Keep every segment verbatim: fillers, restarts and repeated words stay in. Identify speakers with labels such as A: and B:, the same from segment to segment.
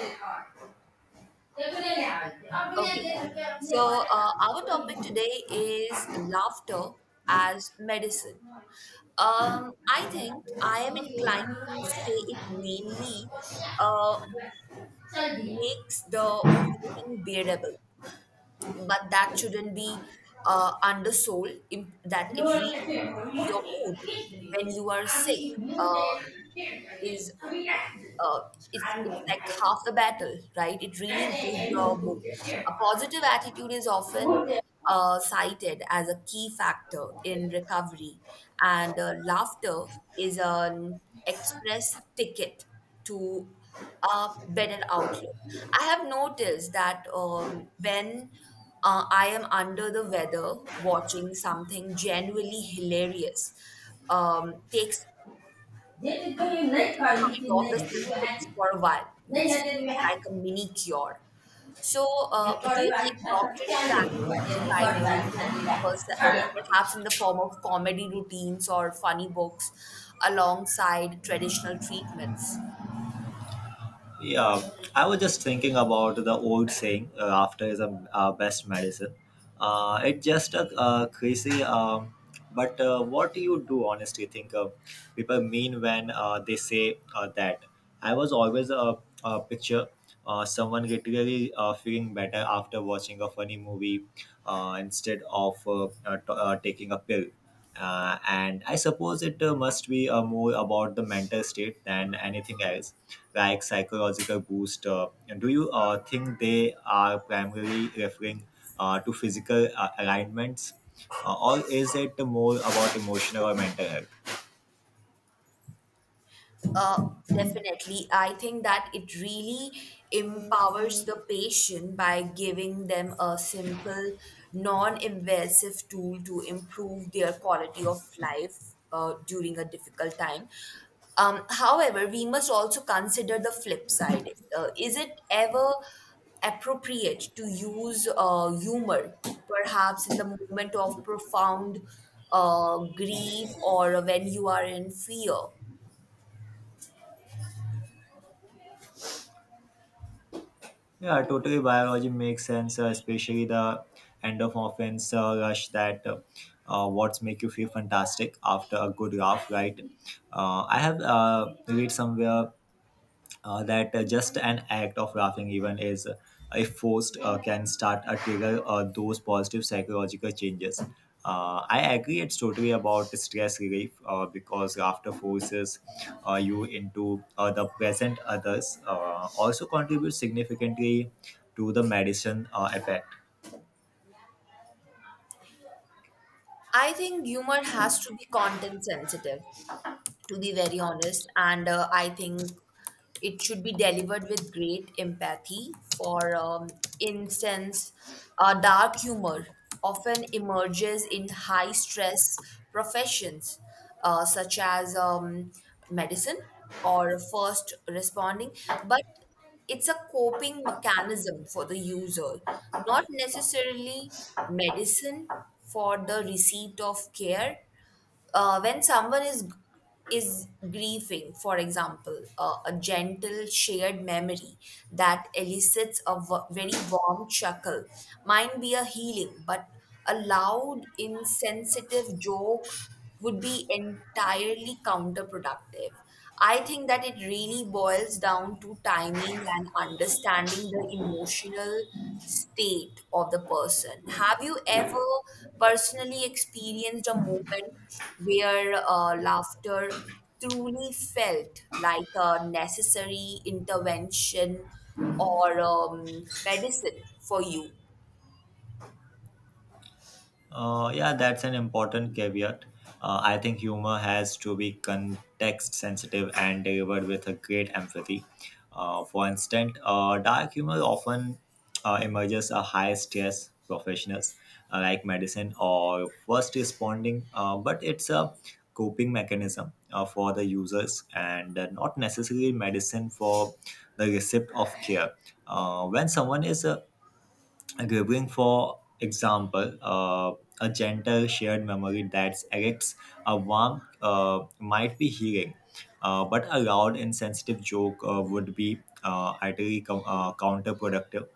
A: नहीं
B: Okay. So, uh, our topic today is laughter as medicine. Um, I think I am inclined to say it mainly uh, makes the waiting bearable, but that shouldn't be uh, undersold, im- that it really improves your mood when you are sick. Um, is uh, it's it's like half the battle, right? It really improves your mood. A positive attitude is often uh, cited as a key factor in recovery, and uh, laughter is an express ticket to a better outlook. I have noticed that um, when uh, I am under the weather, watching something genuinely hilarious um, takes takes our mind off the symptoms for a while, which feels like a mini cure. So, uh, do you think doctors should actually prescribe humor, pers- uh, perhaps in the
A: परीक्षा
B: form of comedy routines or funny books alongside traditional treatments?
A: Yeah, I was just thinking about the old saying, uh, "After is a uh, best medicine." Uh, it's just a uh, crazy. Um, but uh, what do you do honestly think uh, people mean when uh, they say uh, that? I was always a, a picture uh, someone literally uh, feeling better after watching a funny movie uh, instead of uh, uh, t- uh, taking a pill. Uh, and I suppose it uh, must be uh, more about the mental state than anything else, like psychological boost. Uh, do you uh, think they are primarily referring uh, to physical uh, alignments, uh, or is it more about emotional or mental health?
B: Uh, definitely. I think that it really empowers the patient by giving them a simple, non-invasive tool to improve their quality of life uh, during a difficult time. Um, however, we must also consider the flip side. Uh, is it ever appropriate to use uh, humor, perhaps in the moment of profound uh, grief or when you are in fear?
A: Yeah, totally. Biology makes sense, uh, especially the endorphins uh, rush that uh, uh, what's make you feel fantastic after a good laugh, right? Uh, I have uh, read somewhere uh, that uh, just an act of laughing even is uh, if forced uh, can start a trigger uh, those positive psychological changes. uh, I agree it's totally about stress relief, uh, because laughter forces uh, you into uh, the present. Others uh, also contribute significantly to the medicine uh, effect.
B: I think humor has to be content sensitive to be very honest. And uh, I think it should be delivered with great empathy. For um, instance, uh, dark humor often emerges in high stress professions uh, such as um, medicine or first responding, but it's a coping mechanism for the user, not necessarily medicine for the receipt of care uh, when someone is is grieving, for example, uh, a gentle shared memory that elicits a w- very warm chuckle might be a healing, but a loud, insensitive joke would be entirely counterproductive. I think that it really boils down to timing and understanding the emotional state of the person. Have you ever personally experienced a moment where uh, laughter truly felt like a necessary intervention or um, medicine for you?
A: Uh, yeah, that's an important caveat. Uh, I think humor has to be context sensitive and delivered with a great empathy. Uh, for instance, uh, dark humor often uh, emerges a high stress professionals, uh, like medicine or first responding, uh, but it's a coping mechanism uh, for the users, and uh, not necessarily medicine for the receipt of care. Uh, when someone is uh, giving, for example, uh, a gentle shared memory that erects a warmth uh, might be healing, uh, but a loud insensitive joke uh, would be uh, utterly co- uh, counterproductive.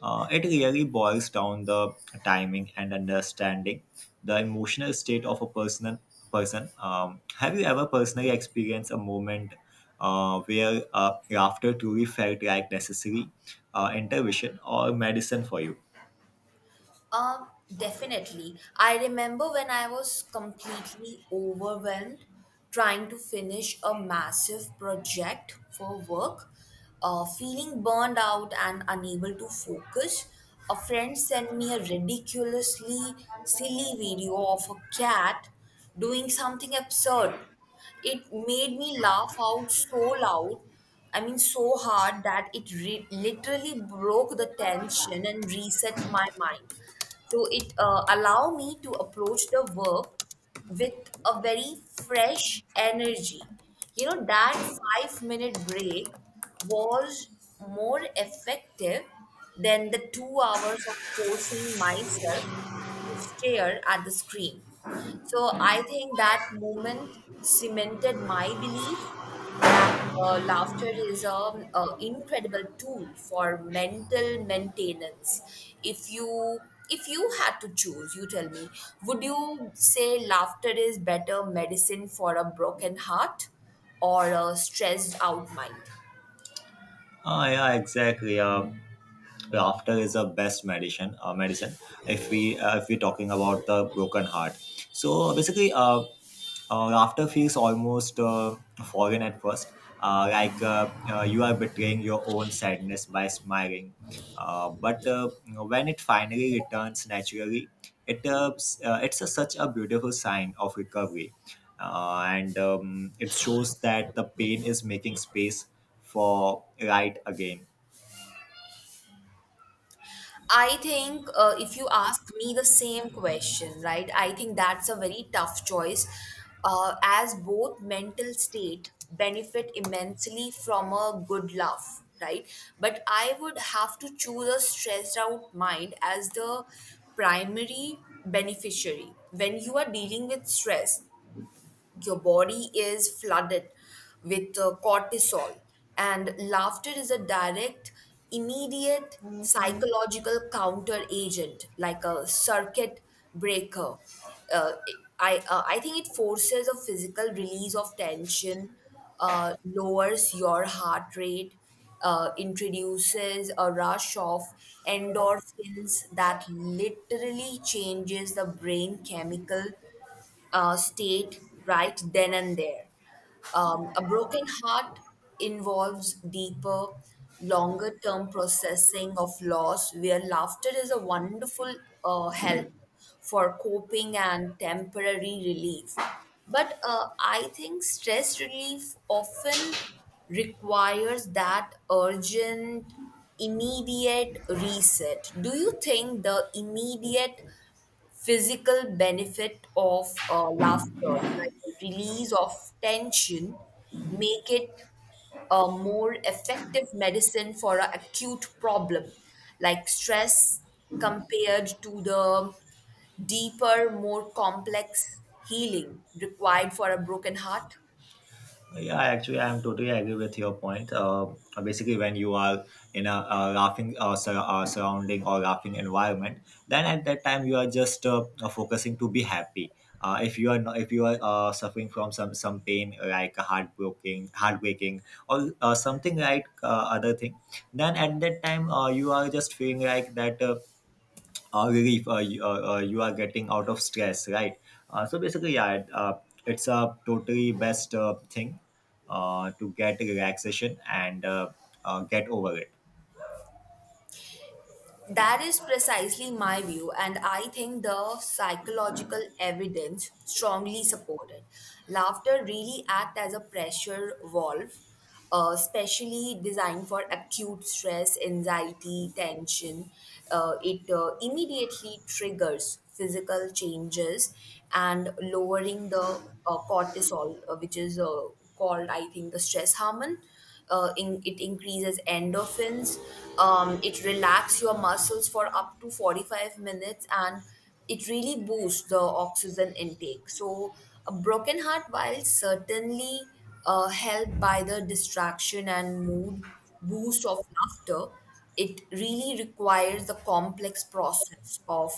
A: Uh, it really boils down the timing and understanding the emotional state of a personal person. Um, have you ever personally experienced a moment uh, where uh, laughter truly felt like necessary uh, intervention or medicine for you?
B: Um, definitely. I remember when I was completely overwhelmed trying to finish a massive project for work, uh, feeling burned out and unable to focus. A friend sent me a ridiculously silly video of a cat doing something absurd. It made me laugh out so loud, I mean, so hard that it re- literally broke the tension and reset my mind. So it uh, allowed me to approach the work with a very fresh energy. You know, that five minute break was more effective than the two hours of forcing myself to stare at the screen. So I think that moment cemented my belief that uh, laughter is an incredible tool for mental maintenance. If you if you had to choose, you tell me, would you say laughter is better medicine for a broken heart or a stressed out mind?
A: Ah, yeah, exactly. Uh, laughter is the best medicine. Uh, medicine. If we uh, if we're talking about the broken heart, so basically, uh, uh laughter feels almost uh, foreign at first. Uh, like uh, uh, you are betraying your own sadness by smiling. Uh, but uh, when it finally returns naturally, it uh, s- uh, it's a, such a beautiful sign of recovery, uh, and um, it shows that the pain is making space for light again.
B: I think uh, if you ask me the same question, right, I think that's a very tough choice uh, as both mental state benefit immensely from a good laugh, right? But I would have to choose a stressed out mind as the primary beneficiary. When you are dealing with stress, your body is flooded with uh, cortisol and laughter is a direct immediate psychological counter agent like a circuit breaker uh, i uh, i think it forces a physical release of tension, uh, lowers your heart rate, uh, introduces a rush of endorphins that literally changes the brain chemical uh, state right then and there. Um, a broken heart involves deeper, longer term processing of loss, where laughter is a wonderful uh, help for coping and temporary relief. But uh, I think stress relief often requires that urgent, immediate reset. Do you think the immediate physical benefit of uh, laughter, like the release of tension, make it a more effective medicine for an acute problem like stress compared to the deeper, more complex healing required for a broken heart?
A: Yeah, actually, I'm totally agree with your point. Uh, basically, when you are in a, a laughing uh, sur- uh, surrounding or laughing environment, then at that time you are just uh, uh, focusing to be happy. Uh, if you are not, if you are uh, suffering from some some pain like a heartbroken, heartbreaking, or uh, something like uh, other thing, then at that time uh, you are just feeling like that. Uh, uh, relief, uh, you, uh, uh, you are getting out of stress, right? Uh, so basically, yeah, it, uh, it's a totally best uh, thing uh, to get relaxation, and uh, uh, get over it.
B: That is precisely my view, and I think the psychological evidence strongly support it. Laughter really acts as a pressure valve, uh, especially designed for acute stress, anxiety, tension. Uh, it uh, immediately triggers physical changes and lowering the uh, cortisol, uh, which is uh, called, I think, the stress hormone uh, in, it increases endorphins. Um, it relax your muscles for up to forty-five minutes and it really boosts the oxygen intake. So a broken heart, while certainly uh, helped by the distraction and mood boost of laughter, it really requires the complex process of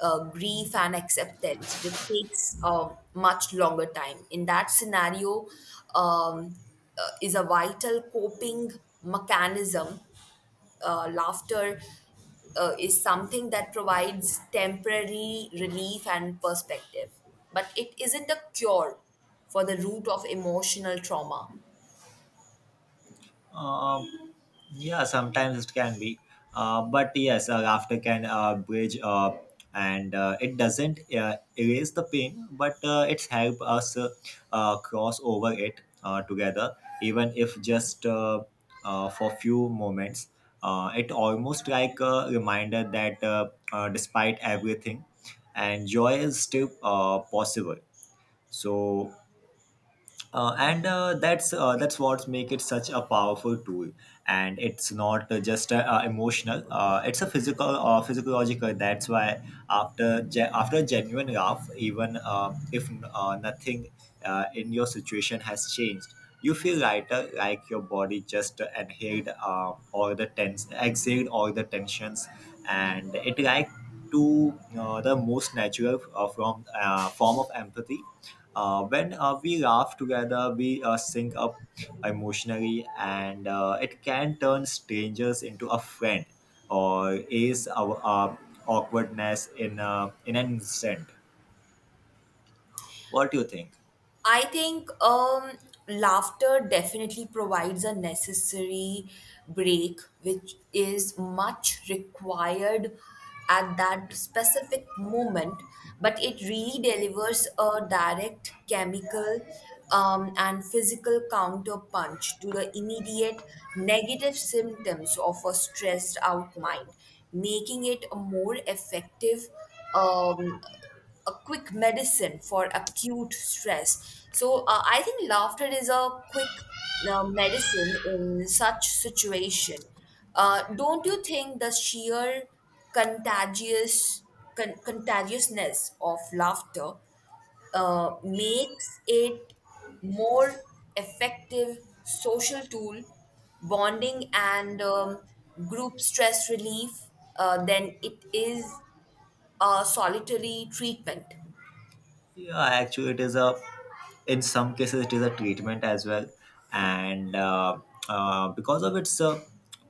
B: uh, grief and acceptance, which takes a much longer time. In that scenario, um, uh, is a vital coping mechanism. Uh, laughter uh, is something that provides temporary relief and perspective, but it isn't a cure for the root of emotional trauma.
A: Um. Yeah, sometimes it can be, uh, but yes, uh, laughter can uh, bridge, uh, and uh, it doesn't uh, erase the pain, but uh, it's help us uh, uh, cross over it uh, together, even if just uh, uh, for few moments. Uh, it almost like a reminder that uh, uh, despite everything, and joy is still uh, possible. So uh, and uh, that's uh, that's what make it such a powerful tool, and it's not uh, just uh, uh, emotional, uh, it's a physical uh, physiological. That's why after ge- after a genuine laugh, even uh, if uh, nothing uh, in your situation has changed, you feel lighter, like your body just inhaled uh, all the tense, exhaled all the tensions, and it like to uh, the most natural uh, from uh, form of empathy. Uh, when uh, we laugh together, we uh, sync up emotionally, and uh, it can turn strangers into a friend or ease our uh, awkwardness in uh, in an instant. What do you think?
B: I think um, laughter definitely provides a necessary break, which is much required at that specific moment. But it really delivers a direct chemical um, and physical counterpunch to the immediate negative symptoms of a stressed out mind, making it a more effective. Um, a quick medicine for acute stress. So uh, I think laughter is a quick uh, medicine in such situation. Uh, don't you think the sheer contagious con- contagiousness of laughter uh, makes it more effective social tool, bonding and um, group stress relief uh, than it is a solitary treatment?
A: Yeah, actually, it is a, in some cases it is a treatment as well, and uh, uh, because of its uh,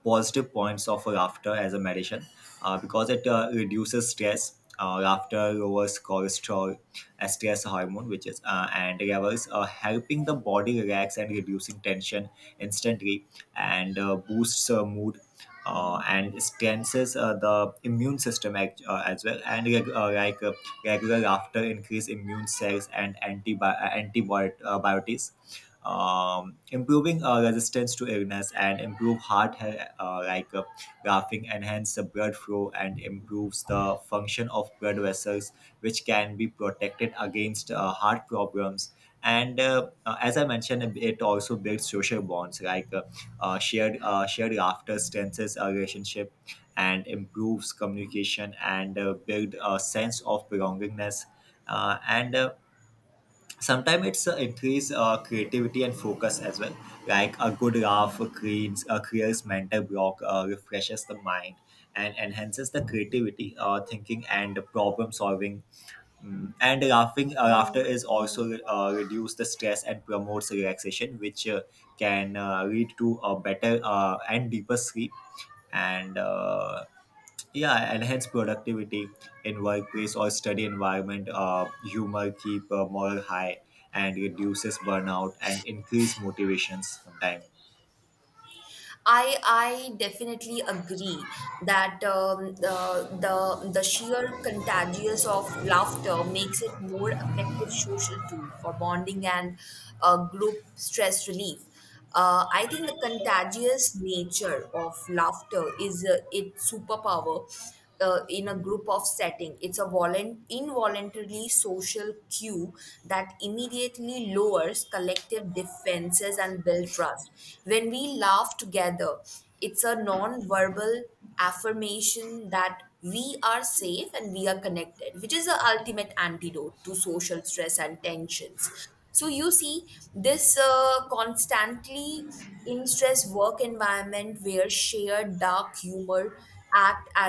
A: positive points of laughter as a medicine, uh, because it uh, reduces stress. Uh, laughter lowers cholesterol, uh, stress hormone, which is uh, and levels, uh, helping the body relax and reducing tension instantly, and uh, boosts uh, mood uh, and strengthens uh, the immune system act, uh, as well, and reg- uh, like uh, regular laughter increase immune cells and antibi- uh, antibiotics, um, improving uh, resistance to illness, and improve heart health, uh, like uh, laughing enhance the blood flow and improves the function of blood vessels, which can be protected against uh, heart problems, and uh, uh, as I mentioned, it also builds social bonds, like uh, uh, shared uh, shared laughter strengthens a relationship and improves communication and uh, build a sense of belongingness, uh, and uh, sometimes it's uh, increase uh, creativity and focus as well, like a good laugh cleans uh, clears mental block, uh, refreshes the mind and enhances the creativity uh, thinking and problem solving. Mm. And laughing uh, after is also uh, reduce the stress and promotes relaxation, which uh, can uh, lead to a better uh, and deeper sleep. And uh, yeah, enhance productivity in workplace or study environment. Uh, humor keep uh, morale high and reduces burnout and increase motivations sometimes.
B: I I definitely agree that um, the the the sheer contagious of laughter makes it more effective social tool for bonding and uh, group stress relief. Uh, I think the contagious nature of laughter is uh, its superpower uh, in a group of setting. It's a volun- involuntarily social cue that immediately lowers collective defenses and build trust. When we laugh together, it's a non-verbal affirmation that we are safe and we are connected, which is the ultimate antidote to social stress and tensions. So you see this uh, constantly in stress work environment where shared dark humor act as